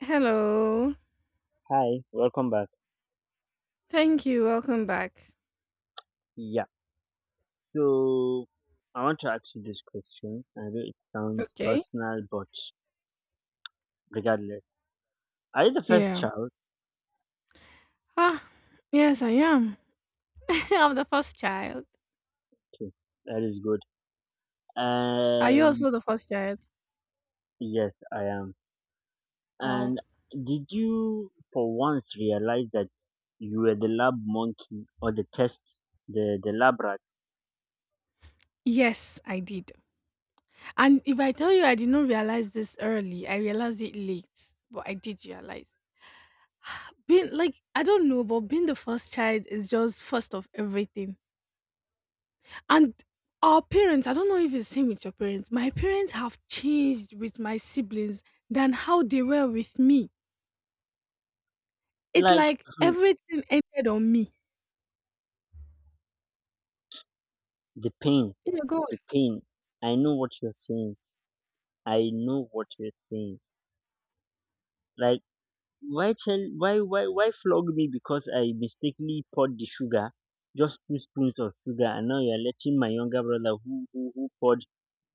Hello. Hi, welcome back. Thank you. Welcome back. Yeah, so I want to ask you this question. I know it sounds Okay. personal, but regardless, are you the first Yeah. child? Ah, yes, I am. I'm the first child. Okay, that is good. Are you And also the first child? yes, I am. Wow. And did you for once realize that you were the lab monkey or the test, the lab rat? Yes, I did. And if I tell you I did not realize this early, I realized it late, but I did realize. Being like, I don't know, but being the first child is just first of everything. And our parents, I don't know if it's the same with your parents, my parents have changed with my siblings than how they were with me. It's Like like everything ended on me. the pain, You go the pain. I know what you're saying. I know what you're saying. Like, Why tell why flog me because I mistakenly poured the sugar, just two spoons of sugar, and now you're letting my younger brother who poured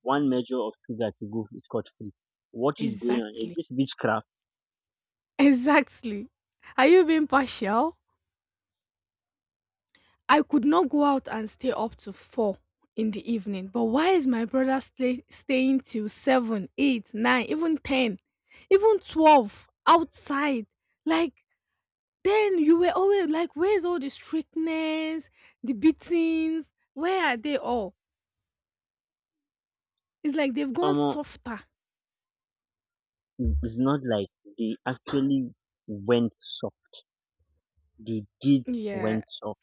one measure of sugar to go scot free. What is going on? Is exactly, this witchcraft? exactly. Are you being partial? I could not go out and stay up to four in the evening, but why is my brother staying till seven, eight, nine, even ten, even 12 outside? Like then you were always like, where's all the strictness, the beatings? Where are they all? It's like they've gone Omo, softer. It's not like they actually went soft. They did Yeah, went soft.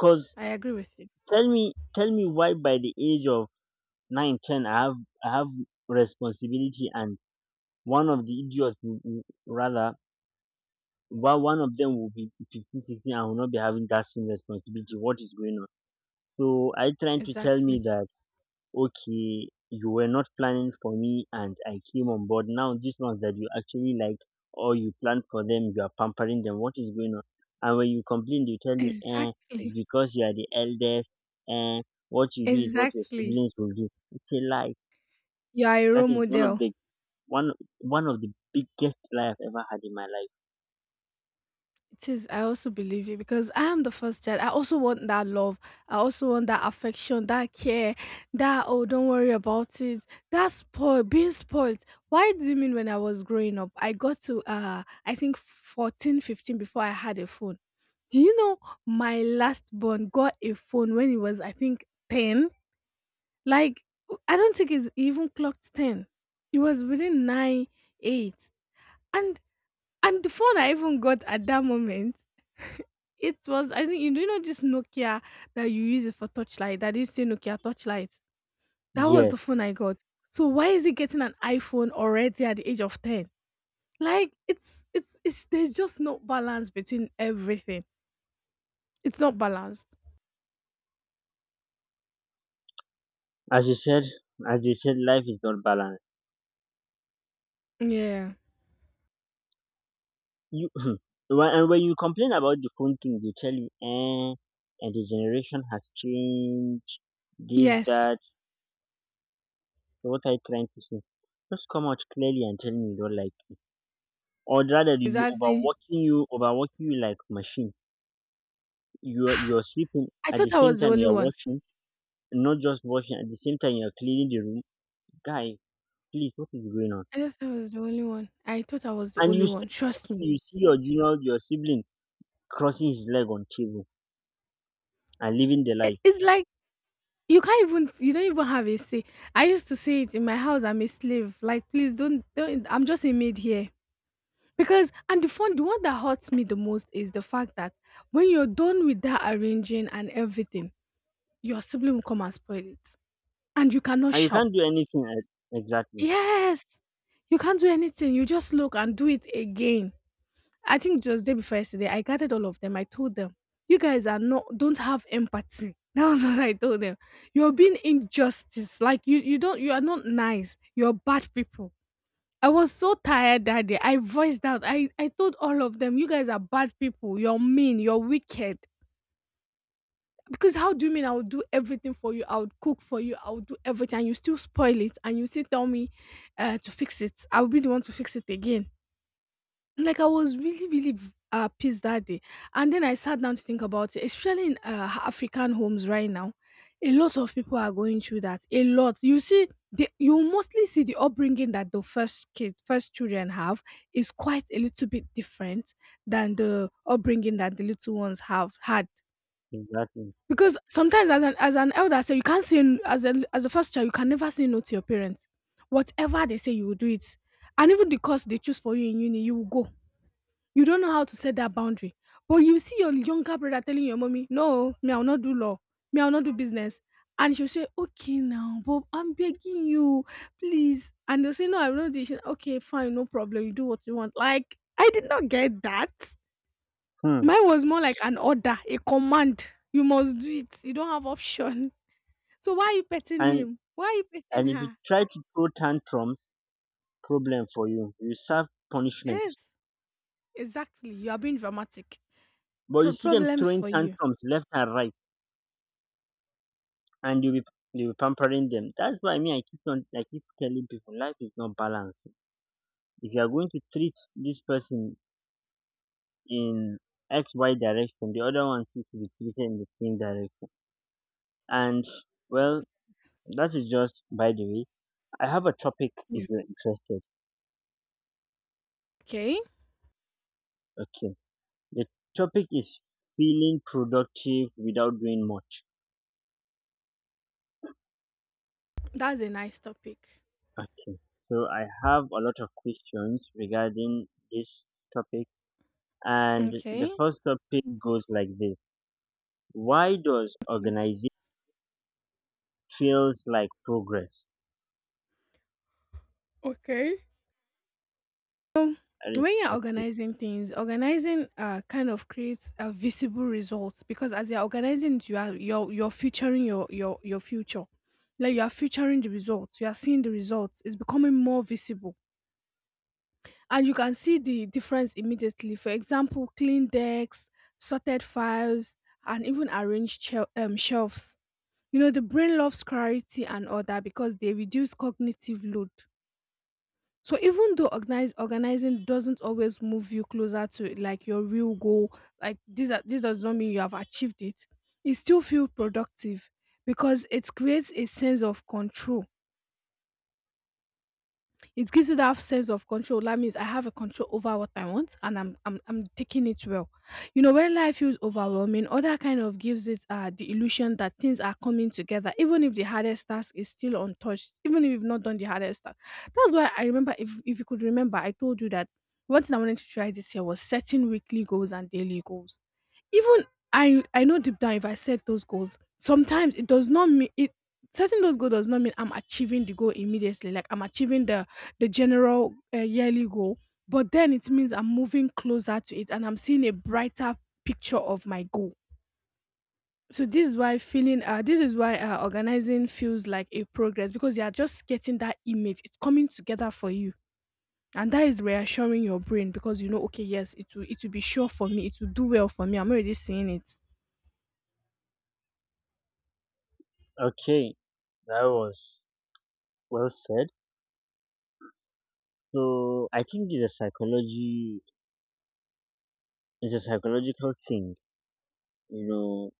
Cause I agree with you. tell me why by the age of nine ten I have responsibility and one of the idiots rather while one of them will be 15, 16, 16 and will not be having that same responsibility. What is going on? So are you trying to tell me Exactly. that okay, you were not planning for me and I came on board. Now these ones that you actually like or you planned for them, you are pampering them. What is going on? And when you complain, they tell you, eh, it's Exactly. because you are the eldest, eh, what you do is what your Exactly. siblings will do. It's a lie. You are a role That is model. One one of the biggest lie I've ever had in my life. It is. I also believe it because I am the first child. I also want that love. I also want that affection, that care, that oh, don't worry about it. That spoil, being spoiled. Why do you mean when I was growing up, I got to I think 14, 15 before I had a phone. Do you know my last born got a phone when he was I think ten? Like I don't think it's even clocked ten. It was within nine, eight. And and the phone I even got at that moment, it was I think you do know this Nokia that you use it for touchlight that you say Nokia touchlight. That was the Yes. phone I got. So why is he getting an iPhone already at the age of ten? Like it's there's just no balance between everything. It's not balanced. As you said, as you said, life is not balanced. Yeah. You when you complain about the phone thing, they tell you, eh, and the generation has changed. This, Yes. that. What are you trying to say? Just come out clearly and tell me you don't like me. Or rather, they will be Exactly. Overworking you like machine. You are sleeping I at the thought I same was the time only you are one. washing, not just washing at the same time you are cleaning the room. Guy, please, what is going on? I thought I was the only one. I thought I was the And only you one. still Trust me. watching. You see your junior, your sibling crossing his leg on table and living the It, life it's like you can't even you don't even have a say. I used to say it in my house, I'm a slave. Like please don't I'm just a maid here. Because and the fun the one that hurts me the most is the fact that when you're done with that arranging and everything, your sibling will come and spoil it. And you cannot and you can't do shout. anything e- exactly Yes. You can't do anything. You just look and do it again. I think just day before yesterday, I gathered all of them. I told them, "You guys are not don't have empathy." That was what I told them. You're being injustice. Like you don't. You are not nice. You're bad people. I was so tired that day. I voiced out. I told all of them, "You guys are bad people. You're mean. You're wicked." Because how do you mean I would do everything for you? I would cook for you. I would do everything. And you still spoil it, and you still tell me to fix it. I will be the one to fix it again. Like, I was really, really v pissed that day, and then I sat down to think about it, especially in, African homes right now, a lot of people are going through that, a lot. You see the you mostly see the upbringing that the first kid first children have is quite a little bit different than the upbringing that the little ones have had. exactly Because sometimes as an elder say, you can't say n as a first child, you can never say no to your parents. Whatever they say, you will do it, and even the course they choose for you in uni, you will go. You don't know how to set that boundary. But you see your younger brother telling your mommy, no, me, I'll not do law. Me, I'll not do business. And she'll say, okay, now, but I'm begging you, please. And they'll say, no, I will not do it. She'll say, okay, fine, no problem. You do what you want. Like, I did not get that. Hmm. Mine was more like an order, a command. You must do it. You don't have option. So why are you petting and him? Why are you petting and if you her? try to throw tantrums, problem for you serve punishment. Yes, exactly. You are being dramatic. But you see them Problems throwing for you. tantrums left and right and you'll be pampering them. That's why, I mean, I keep telling people life is not balanced. If you are going to treat this person in X Y direction, the other one seems to be treated in the same direction. And, well, that is just by the way. I have a topic if Yeah. you're interested. Okay, Okay. The topic is feeling productive without doing much. that's a nice topic. Okay. So I have a lot of questions regarding this topic. And the Okay. first topic goes like this. Why does Okay. organization feels like progress? Okay. Um, That when you're is- organizing things, organizing kind of creates a visible result because as you're organizing, it, you are you're featuring your future. Like you are featuring the results, you are seeing the results. It's becoming more visible, and you can see the difference immediately. For example, clean decks, sorted files, and even arranged shelves. You know, the brain loves clarity and order because they reduce cognitive load. So even though organize organizing doesn't always move you closer to like your real goal, like this does not mean you have achieved it. You still feel productive because it creates a sense of control, it gives you that sense of control. That means I have a control over what I want and I'm taking it well. You know, when life feels overwhelming, other kind of gives it the illusion that things are coming together, even if the hardest task is still untouched, even if you've not done the hardest task. That's why I remember if you could remember, I told you that one thing I wanted to try this year was setting weekly goals and daily goals even. I know deep down if I set those goals, sometimes it does not mean it setting those goals does not mean I'm achieving the goal immediately. Like I'm achieving the general yearly goal, but then it means I'm moving closer to it and I'm seeing a brighter picture of my goal. So this is why organizing feels like a progress because you are just getting that image. It's coming together for you. And that is reassuring your brain because you know, okay, yes, it will be sure for me, it will do well for me. I'm already seeing it. Okay. That was well said. So I think it's a psychological thing. You know,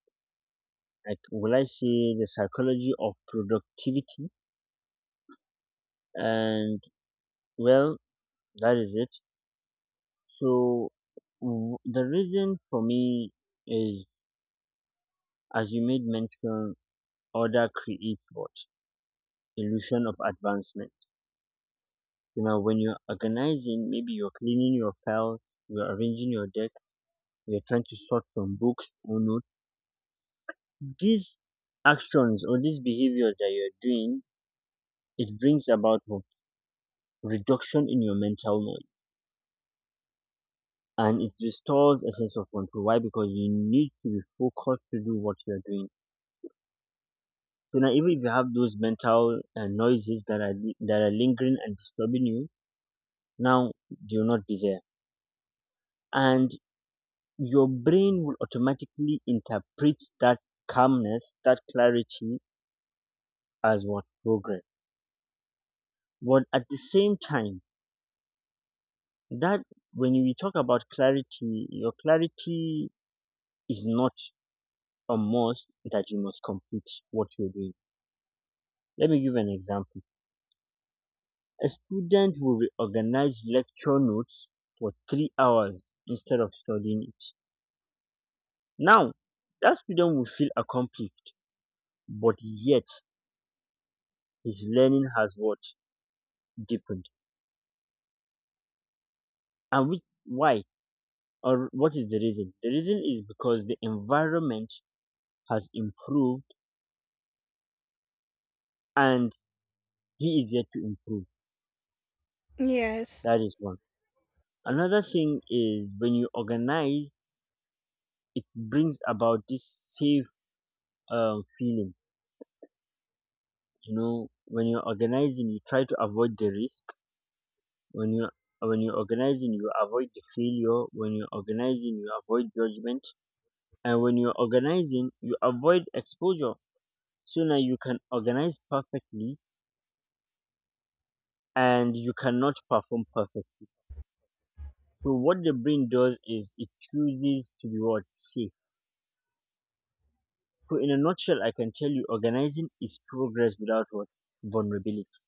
like, will I say the psychology of productivity? And, well, that is it. So the reason for me is, as you made mention, order creates what illusion of advancement. You know, when you're organizing, maybe you're cleaning your files, you're arranging your deck, you're trying to sort from books or notes. These actions or these behaviors that you're doing, it brings about what reduction in your mental noise. And it restores a sense of control. Why? Because you need to be focused to do what you're doing. So now, even if you have those mental noises that are that are lingering and disturbing you, now you're not there, and your brain will automatically interpret that calmness, that clarity, as what progress. But at the same time, that when you talk about clarity, your clarity is not a must that you must complete what you're doing. Let me give an example. A student will organize lecture notes for 3 hours instead of studying it. Now, that student will feel accomplished, but yet his learning has what? Deepened. And which, why? Or what is the reason? The reason is because the environment has improved and he is yet to improve. Yes. That is one. Another thing is when you organize, it brings about this safe feeling. You know, when you're organizing, you try to avoid the risk. When you when you're organizing, you avoid the failure. When you're organizing, you avoid judgment. And when you're organizing, you avoid exposure. So now, you can organize perfectly and you cannot perform perfect. So what the brain does is it chooses to be what safe. So in a nutshell, I can tell you organizing is progress without what vulnerability.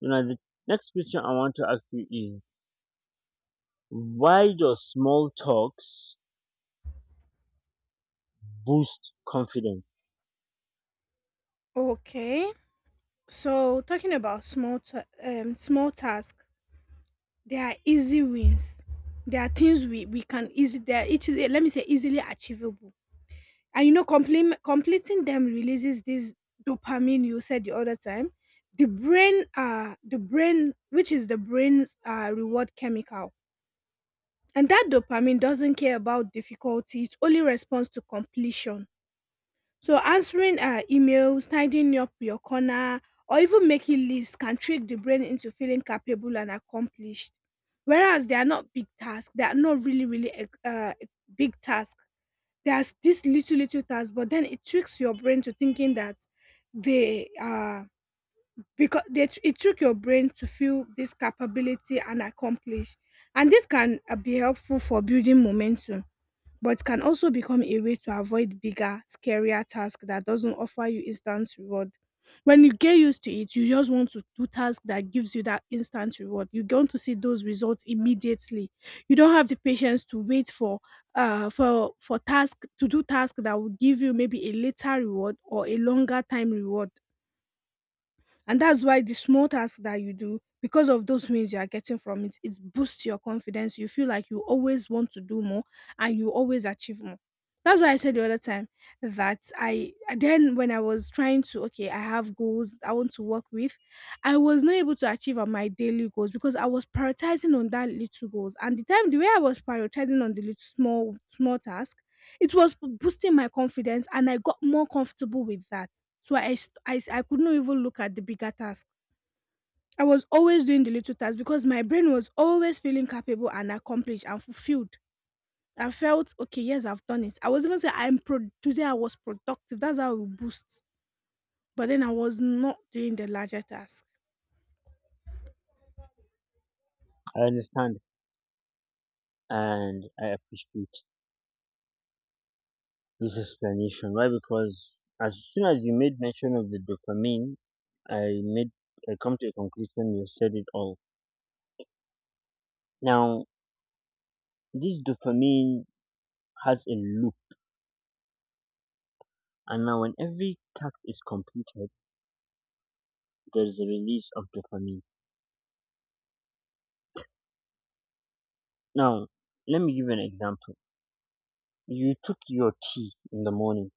You know, the next question I want to ask you is, why does small talks boost confidence? Okay. So talking about small tasks, they are easy wins. There are things we can easily they are easily let me say easily achievable. And you know, completing them releases this dopamine you said the other time. The brain the brain which is the brain's reward chemical. And that dopamine doesn't care about difficulty, it only responds to completion. So answering emails, tidying up your corner, or even making lists can trick the brain into feeling capable and accomplished. Whereas they are not big tasks, they are not really, big tasks. There's this little, little task, but then it tricks your brain to thinking that they are because they, it took your brain to feel this capability and accomplish. And this can be helpful for building momentum but can also become a way to avoid bigger, scarier tasks that doesn't offer you instant reward. When you get used to it, you just want to do tasks that gives you that instant reward. You want to see those results immediately. You don't have the patience to wait for task to do task that will give you maybe a later reward or a longer time reward. And that's why the small tasks that you do, because of those wins you are getting from it, it boosts your confidence. You feel like you always want to do more and you always achieve more. That's why I said the other time that I then when I was trying to okay, I have goals I want to work with, I was not able to achieve on my daily goals because I was prioritizing on that little goals. And the time the way I was prioritizing on the little small small task, it was boosting my confidence and I got more comfortable with that. So I could not even look at the bigger task. I was always doing the little tasks because my brain was always feeling capable and accomplished and fulfilled. I felt, okay, yes, I've done it. I was even saying today I was productive. That's how we boost. But then I was not doing the larger task. I understand and I appreciate this explanation. Why? Because as soon as you made mention of the dopamine, I made I come to a conclusion. You said it all. Now, this dopamine has a loop, and now when every task is completed, there is a release of dopamine. Now, let me give you an example. You took your tea in the morning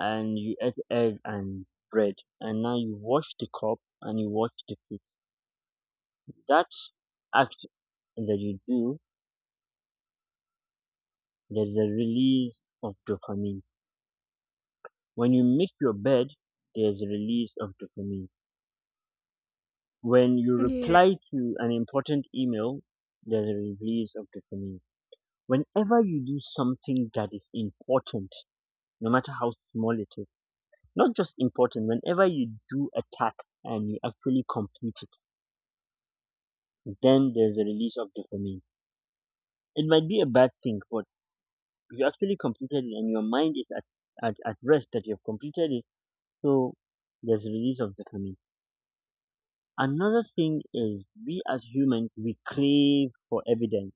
and you ate egg and bread, and now you wash the cup and you wash the plate. That act that you do, there's a release of dopamine. When you make your bed, there's a release of dopamine. When you Yeah. reply to an important email, there's a release of dopamine. Whenever you do something that is important, no matter how small it is, not just important, whenever you do a task and you actually complete it, then there's a release of dopamine. It might be a bad thing, but you actually completed it and your mind is at rest that you've completed it. So there's release of dopamine. Another thing is, we as humans, we crave for evidence,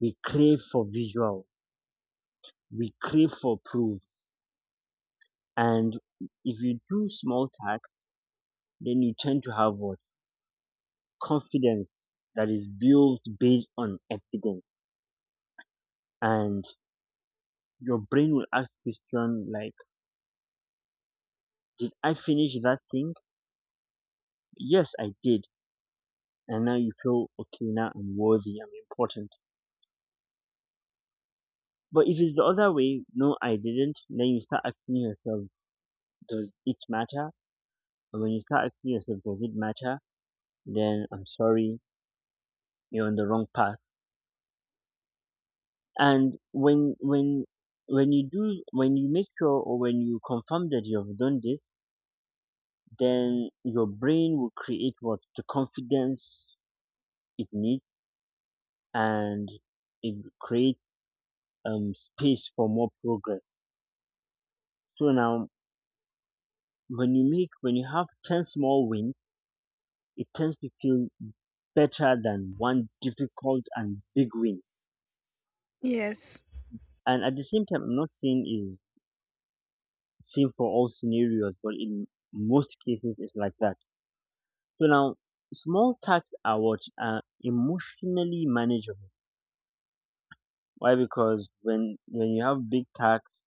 we crave for visual, we crave for proofs. And if you do small tasks, then you tend to have what confidence that is built based on evidence. And your brain will ask question like, did I finish that thing? Yes, I did. And now you feel okay, now I'm worthy, I'm important. But if it's the other way, no, I didn't, then you start asking yourself, does it matter? And when you start asking yourself, does it matter? Then, I'm sorry, you're on the wrong path. And when you make sure or when you confirm that you have done this, then your brain will create what the confidence it needs. And it will create space for more progress. So now, when you have 10 small wins, it tends to feel better than one difficult and big win. Yes. And at the same time, I'm not saying is same for all scenarios, but in most cases, it's like that. So now, small tasks are what are emotionally manageable. Why? Because when you have big tasks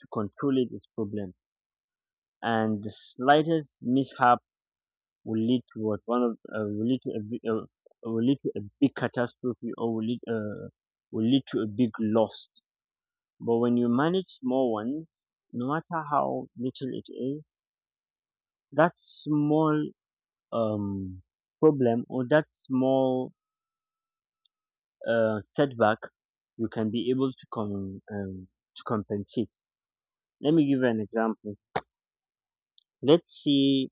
to control it, it's problem. And the slightest mishap will lead to what one of will lead to a big, will lead to a big catastrophe or will lead to a big loss. But when you manage small ones, no matter how little it is, that small um, problem or that small setback, you can be able to to compensate. Let me give you an example. Let's say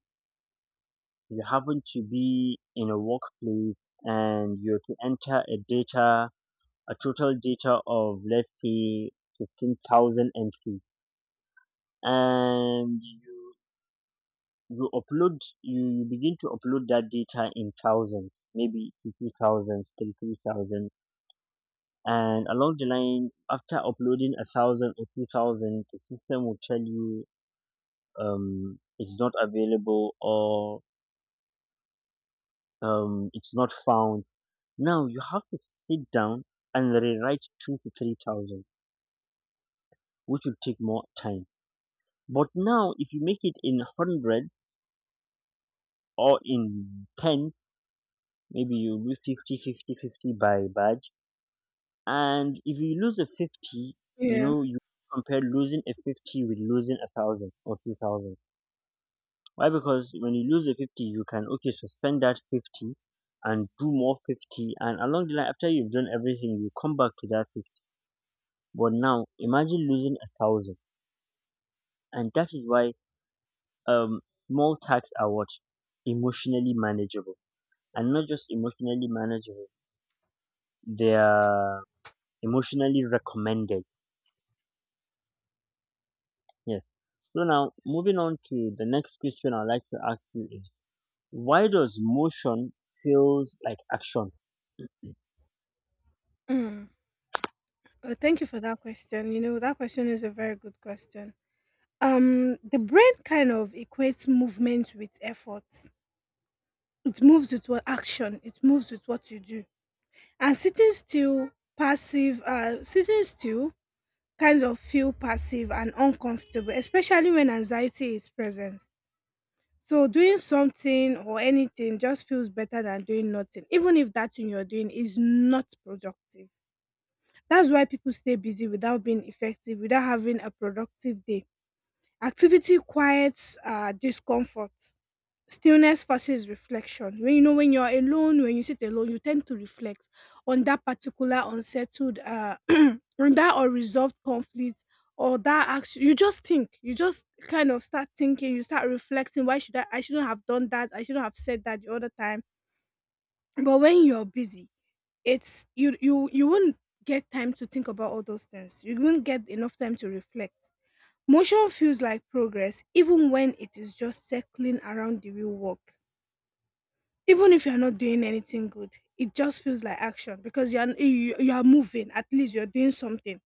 you happen to be in a workplace and you're to enter a total data of let's say 15,000 entries. And you begin to upload that data in thousands, maybe two thousands, three thousand. And along the line, after uploading 1,000 or 2,000, the system will tell you it's not available or it's not found. Now you have to sit down and rewrite two to three thousand, which will take more time. But now, if you make it in 100 or in 10, maybe you lose 50, 50, fifty 50, 50 by badge. And if you lose a 50, Yeah. You compare losing a 50 with losing a 1,000 or 2,000. Why? Because when you lose a 50, you can, okay, suspend that 50 and do more 50. And along the line, after you've done everything, you come back to that 50. But now, imagine losing a 1,000. And that is why um, small tax are what? Emotionally manageable and not just emotionally manageable. They are emotionally recommended. Yes. So now, moving on to the next question I'd like to ask you is, why does motion feels like action? Mm. Thank you for that question. You know, that question is a very good question. The brain kind of equates movement with effort. It moves with what action. It moves with what you do. And sitting still, passive. Sitting still kind of feel passive and uncomfortable, especially when anxiety is present. So doing something or anything just feels better than doing nothing, even if that thing you're doing is not productive. That's why people stay busy without being effective, without having a productive day. Activity quiets discomfort. Stillness forces reflection. When you're alone, when you sit alone, you tend to reflect on that particular unsettled, on that unresolved conflict, or that action. You just think. You just kind of start thinking. You start reflecting. Why should I? I shouldn't have done that. I shouldn't have said that the other time. But when you're busy, it's you you you won't get time to think about all those things. You won't get enough time to reflect. Motion feels like progress even when it is just circling around the real work. Even if you're not doing anything good, it just feels like action because you are moving. At least you're doing something.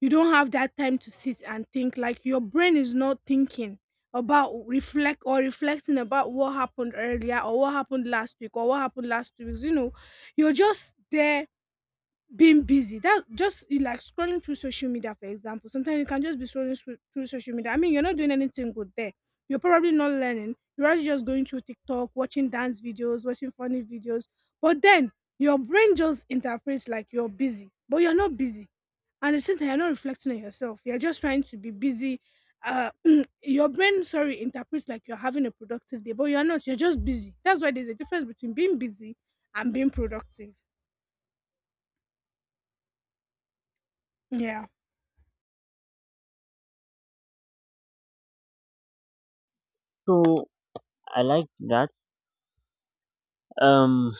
You don't have that time to sit and think. Like your brain is not thinking about reflecting about what happened earlier or what happened last week or what happened last 2 weeks. You know, you're just there being busy, that just you like scrolling through social media, for example. Sometimes you can just be scrolling through social media. I mean, you're not doing anything good there. You're probably not learning. You're already just going through TikTok, watching dance videos, watching funny videos. But then your brain just interprets like you're busy, but you're not busy. And at the same time, you're not reflecting on yourself. You're just trying to be busy. Uh your brain, sorry, interprets like you're having a productive day, but you're not. You're just busy. That's why there's a difference between being busy and being productive. Yeah. So I like that. Um,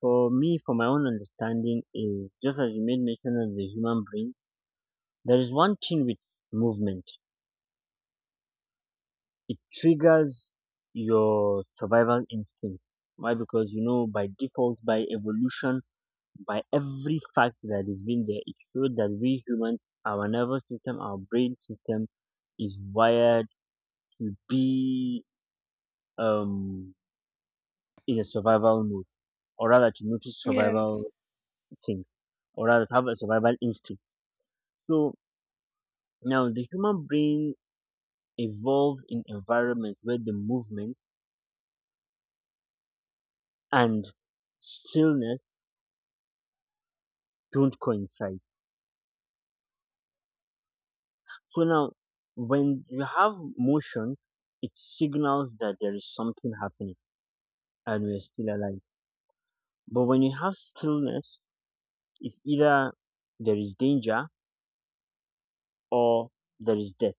for me, for my own understanding, is just as you made mention of the human brain, there is one thing with movement. It triggers your survival instinct. Why? Because you know by default, by evolution, by every fact that is being there, it shows that we humans, our nervous system, our brain system is wired to be um, in a survival mode, or rather to notice Yeah. survival things, or rather to have a survival instinct. So now the human brain evolves in environments where the movement and stillness don't coincide. So now, when you have motion, it signals that there is something happening and we're still alive. But when you have stillness, it's either there is danger or there is death.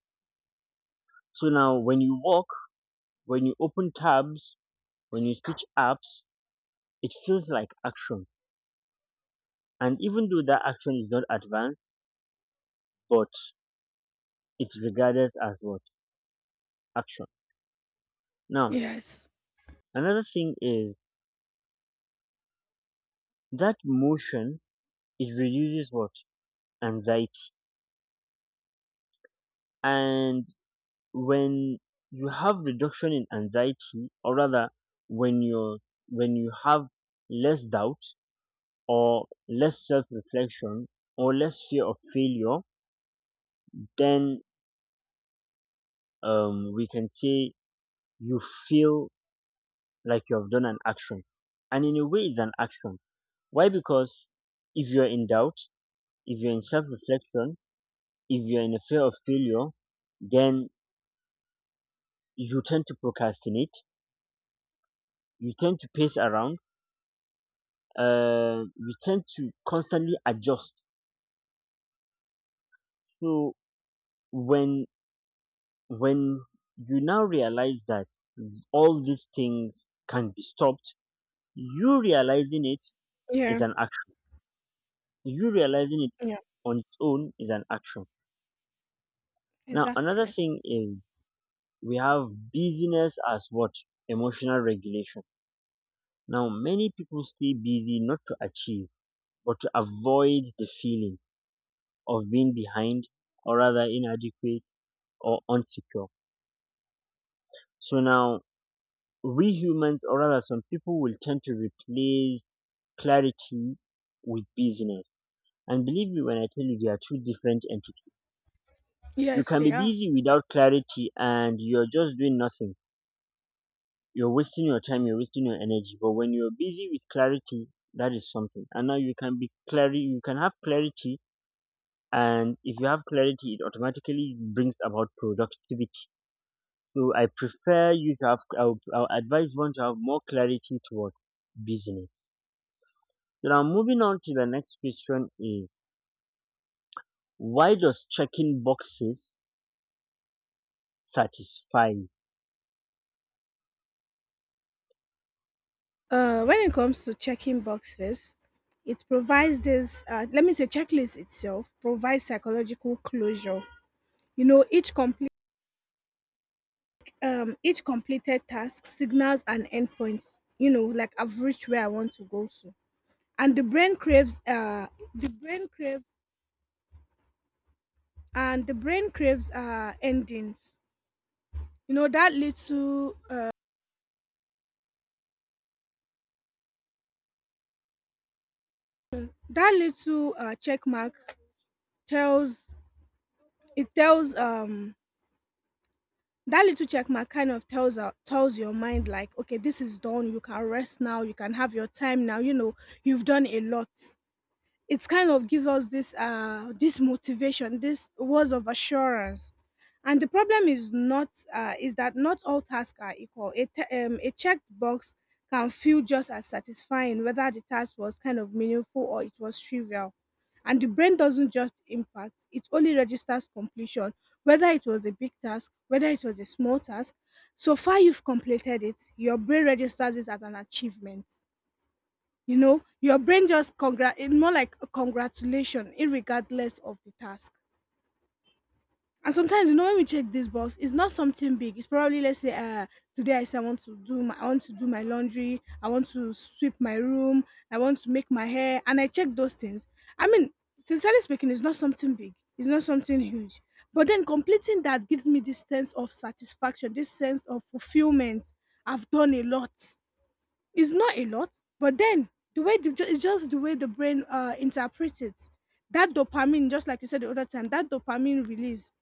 So now when you walk, when you open tabs, when you switch apps, it feels like action. And even though that action is not advanced, but it's regarded as what? Action. Now, Yes. another thing is that motion, it reduces what? Anxiety. And when you have reduction in anxiety, or rather when you're when you have less doubt, or less self reflection or less fear of failure, then we can say you feel like you have done an action. And in a way, it's an action. Why? Because if you're in doubt, if you're in self reflection, if you're in a fear of failure, then you tend to procrastinate, you tend to pace around, you tend to constantly adjust. So when when you now realize that all these things can be stopped, you realizing it Yeah. is an action. You realizing it Yeah. on its own is an action. Now, another Exactly. thing is we have busyness as what? Emotional regulation. Now, many people stay busy not to achieve, but to avoid the feeling of being behind or rather inadequate or unsecure. So now, we humans, or rather some people, will tend to replace clarity with busyness. And believe me when I tell you, they are two different entities. You Yes, can they be are. busy without clarity and you're just doing nothing. You're wasting your time, you're wasting your energy. But when you're busy with clarity, that is something. And now you can be clarity, you can have clarity. And if you have clarity, it automatically brings about productivity. So I prefer you to have, I'll advise one to have more clarity toward business. So now moving on to the next question is, why does checking boxes satisfy you? When it comes to checking boxes, it provides this, let me say, checklist itself provides psychological closure. You know, each completed task signals an endpoint. You know, like I've reached where I want to go to, and the brain craves, the brain craves endings. You know, that little check mark tells it tells that little check mark kind of tells out tells your mind like, okay, this is done. You can rest now. You can have your time now. You know, you've done a lot. It kind of gives us this, this motivation, this words of assurance. And the problem is that not all tasks are equal. A checked box can feel just as satisfying whether the task was kind of meaningful or it was trivial. And the brain doesn't just impact it only registers completion, whether it was a big task, whether it was a small task. So far you've completed it, your brain registers it as an achievement. You know, your brain just congra it's more like a congratulation, irregardless of the task. And sometimes, you know, when we check this box, it's not something big. It's probably, let's say, today I say I want to do my laundry, I want to sweep my room, I want to make my hair, and I check those things. I mean, sincerely speaking, it's not something big, it's not something huge. But then completing that gives me this sense of satisfaction, this sense of fulfillment. I've done a lot. It's not a lot, but then the way the ju- it's just the way the brain interprets it. That dopamine, just like you said the other time, that dopamine release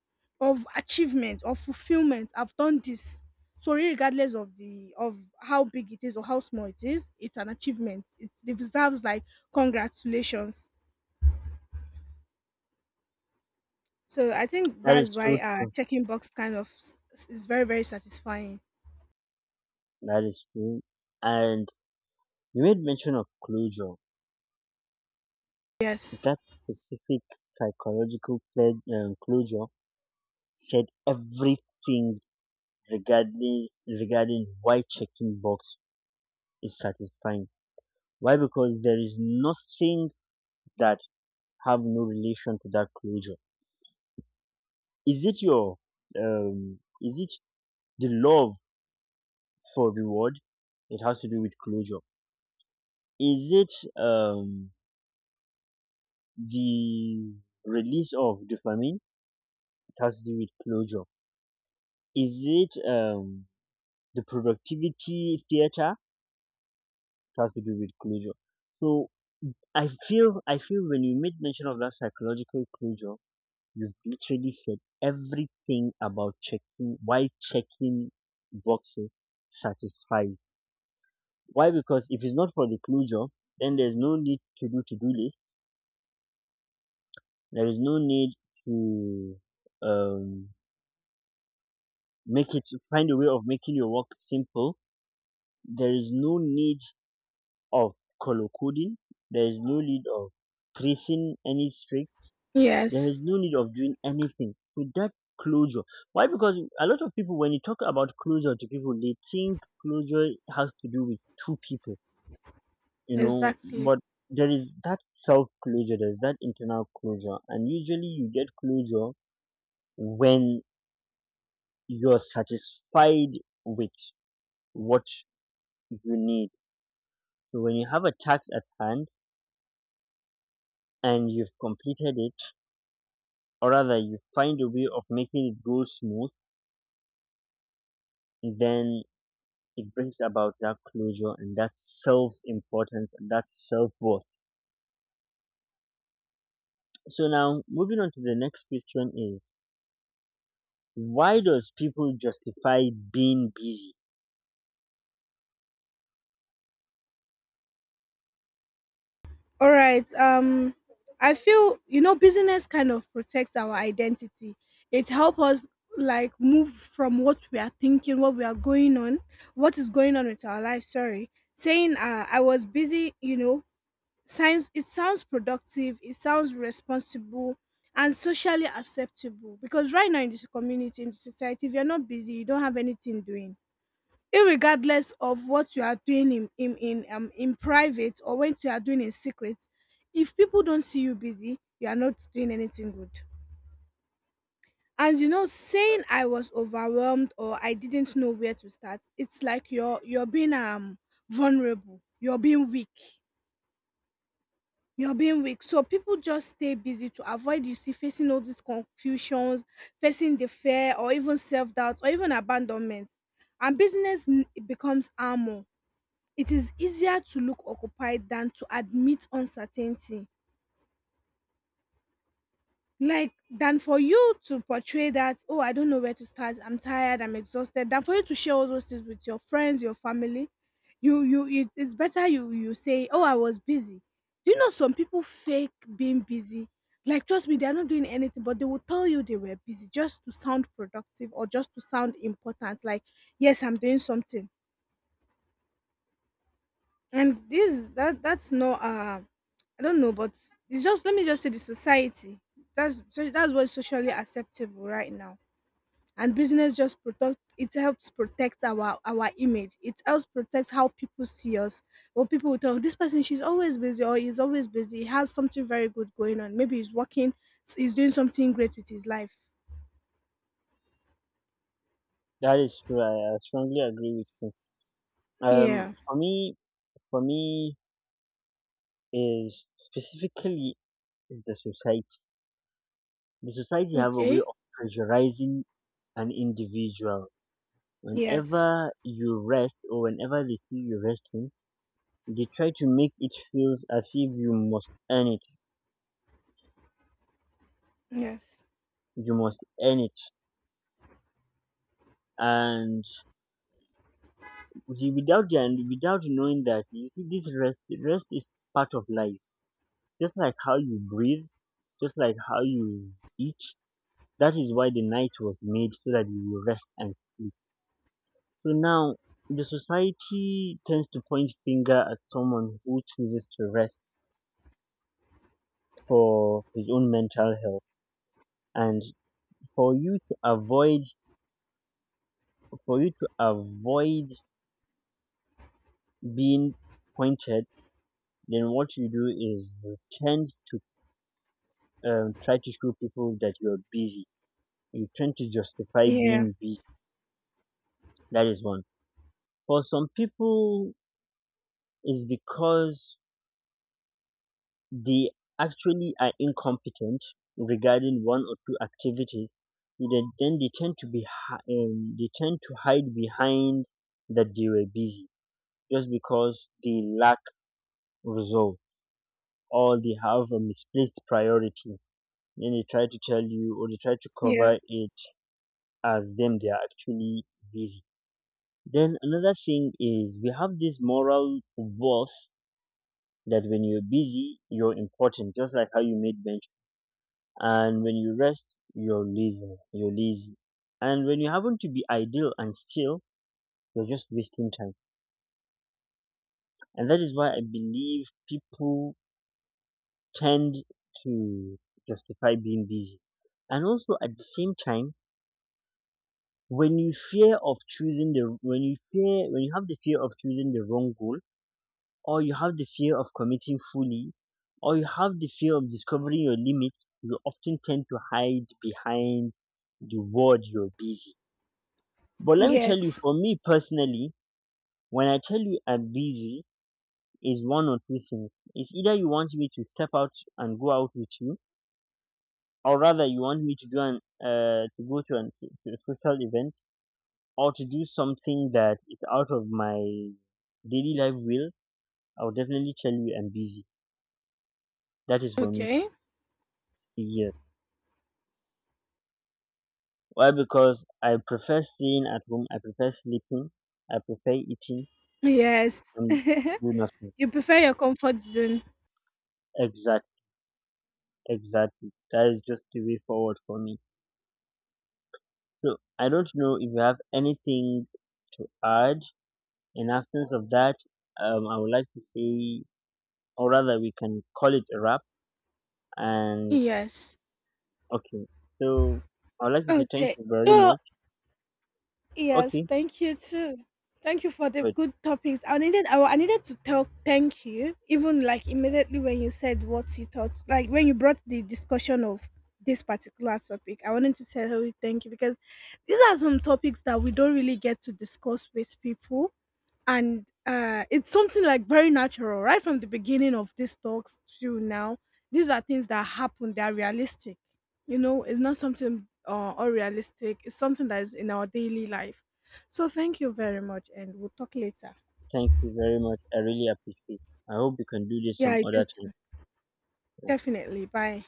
of achievement, of fulfillment. I've done this. So regardless of the of how big it is or how small it is, it's an achievement. It deserves like congratulations. So I think That is that's why so true. checking box is very, very satisfying. That is true. And you made mention of closure. Yes. That specific psychological closure said everything regarding why checking box is satisfying. Why? Because there is nothing that have no relation to that closure. Is it your Is it the love for reward? It has to do with closure. Is it the release of dopamine? It has to do with closure. Is it the productivity theater? It has to do with closure. So I feel when you made mention of that psychological closure, you literally said everything about checking why checking boxes satisfies. Why? Because if it's not for the closure, then there's no need to do list. There is no need to um make it, find a way of making your work simple. There is no need of color coding. There is no need of tracing any streak. There Yes. is no need of doing anything so that closure. Why? Because a lot of people, when you talk about closure to people, they think closure has to do with two people, you know. Exactly. But there is that self closure, there's that internal closure, and usually you get closure when you're satisfied with what you need. So when you have a task at hand and you've completed it, or rather you find a way of making it go smooth, then it brings about that closure and that self importance and that self worth. So now moving on to the next question is, why does people justify being busy? All right. I feel, you know, business kind of protects our identity. It helps us like move from what we are thinking, what we are going on, what is going on with our life. Sorry, saying, I was busy. You know, sounds productive. It sounds responsible and socially acceptable, because right now in this community, in the society, if you're not busy, you don't have anything doing, irregardless of what you are doing in private, or what you are doing in secret. If people don't see you busy, you are not doing anything good. And you know, saying I was overwhelmed, or I didn't know where to start, it's like you're being vulnerable, you're being weak, you're being weak. So people just stay busy to avoid, you see, facing all these confusions, facing the fear, or even self-doubt, or even abandonment. And becomes armor. It is easier to look occupied than to admit uncertainty. Like, than for you to portray that, oh, I don't know where to start, I'm tired, I'm exhausted, than for you to share all those things with your friends, your family. It's better you say, oh, I was busy. Do you know some people fake being busy? Like, trust me, they are not doing anything, but they will tell you they were busy just to sound productive or just to sound important. Like, yes, I'm doing something, and this that. That's not I don't know, but it's just, let me just say, the society, that's what's socially acceptable right now. And business just protect it helps protect our image, it helps protect how people see us. Or people will tell, this person, she's always busy, or he's always busy, he has something very good going on, maybe he's working, he's doing something great with his life. That is true. I strongly agree with you. Um, Yeah. for me, for me, is specifically is the society. The society have a way Okay. of pressurizing an individual. Yes. Whenever you rest or whenever they see you resting, they try to make it feels as if you must earn it. Yes. You must earn it, and without knowing that you see this rest, rest is part of life. Just like how you breathe, just like how you eat. That is why the night was made so that you will rest and sleep. So now the society tends to point finger at someone who chooses to rest for his own mental health, and for you to avoid for you to avoid being pointed, then what you do is you tend to try to show people that you're busy. You tend to justify Yeah. being busy. That is one. For some people, it's because they actually are incompetent regarding one or two activities. Then they tend to they tend to hide behind that they were busy, just because they lack resolve, or they have a misplaced priority. Then they try to tell you or they try to cover Yeah. it as them they are actually busy. Then another thing is we have this moral voice that when you're busy, you're important, just like how you made bench. And when you rest, you're lazy. You're lazy. And when you happen to be idle and still, you're just wasting time. And that is why I believe people tend to justify being busy. And also at the same time, when you fear of choosing the when you fear when you have the fear of choosing the wrong goal, or you have the fear of committing fully, or you have the fear of discovering your limit, you often tend to hide behind the word you're busy. But let me tell you, Yes. for me personally, when I tell you I'm busy, is one or two things. It's either you want me to step out and go out with you, or rather you want me to go and to go to a social event, or to do something that is out of my daily life will, I would definitely tell you I'm busy. That is for me Okay. a year. Why? Because I prefer staying at home. I prefer sleeping. I prefer eating Yes. and do nothing. You prefer your comfort zone? Exactly. Exactly. That is just the way forward for me. So I don't know if you have anything to add. In absence of that, I would like to say, or rather, we can call it a wrap and Yes. okay. So I'd like to say thank Okay. you very Oh, much. yes. Okay, Thank you too. Thank you for the good. good topics. I needed. I needed to tell. Thank you. Even like immediately when you said what you thought, like when you brought the discussion of this particular topic, I wanted to tell you thank you, because these are some topics that we don't really get to discuss with people, and it's something like very natural, right from the beginning of these talks to now. These are things that happen. They are realistic. You know, it's not something unrealistic, it's something that is in our daily life. So thank you very much, and we'll talk later. Thank you very much. I really appreciate it. I hope we can do this Yeah, some I do other too. time. Definitely. Bye.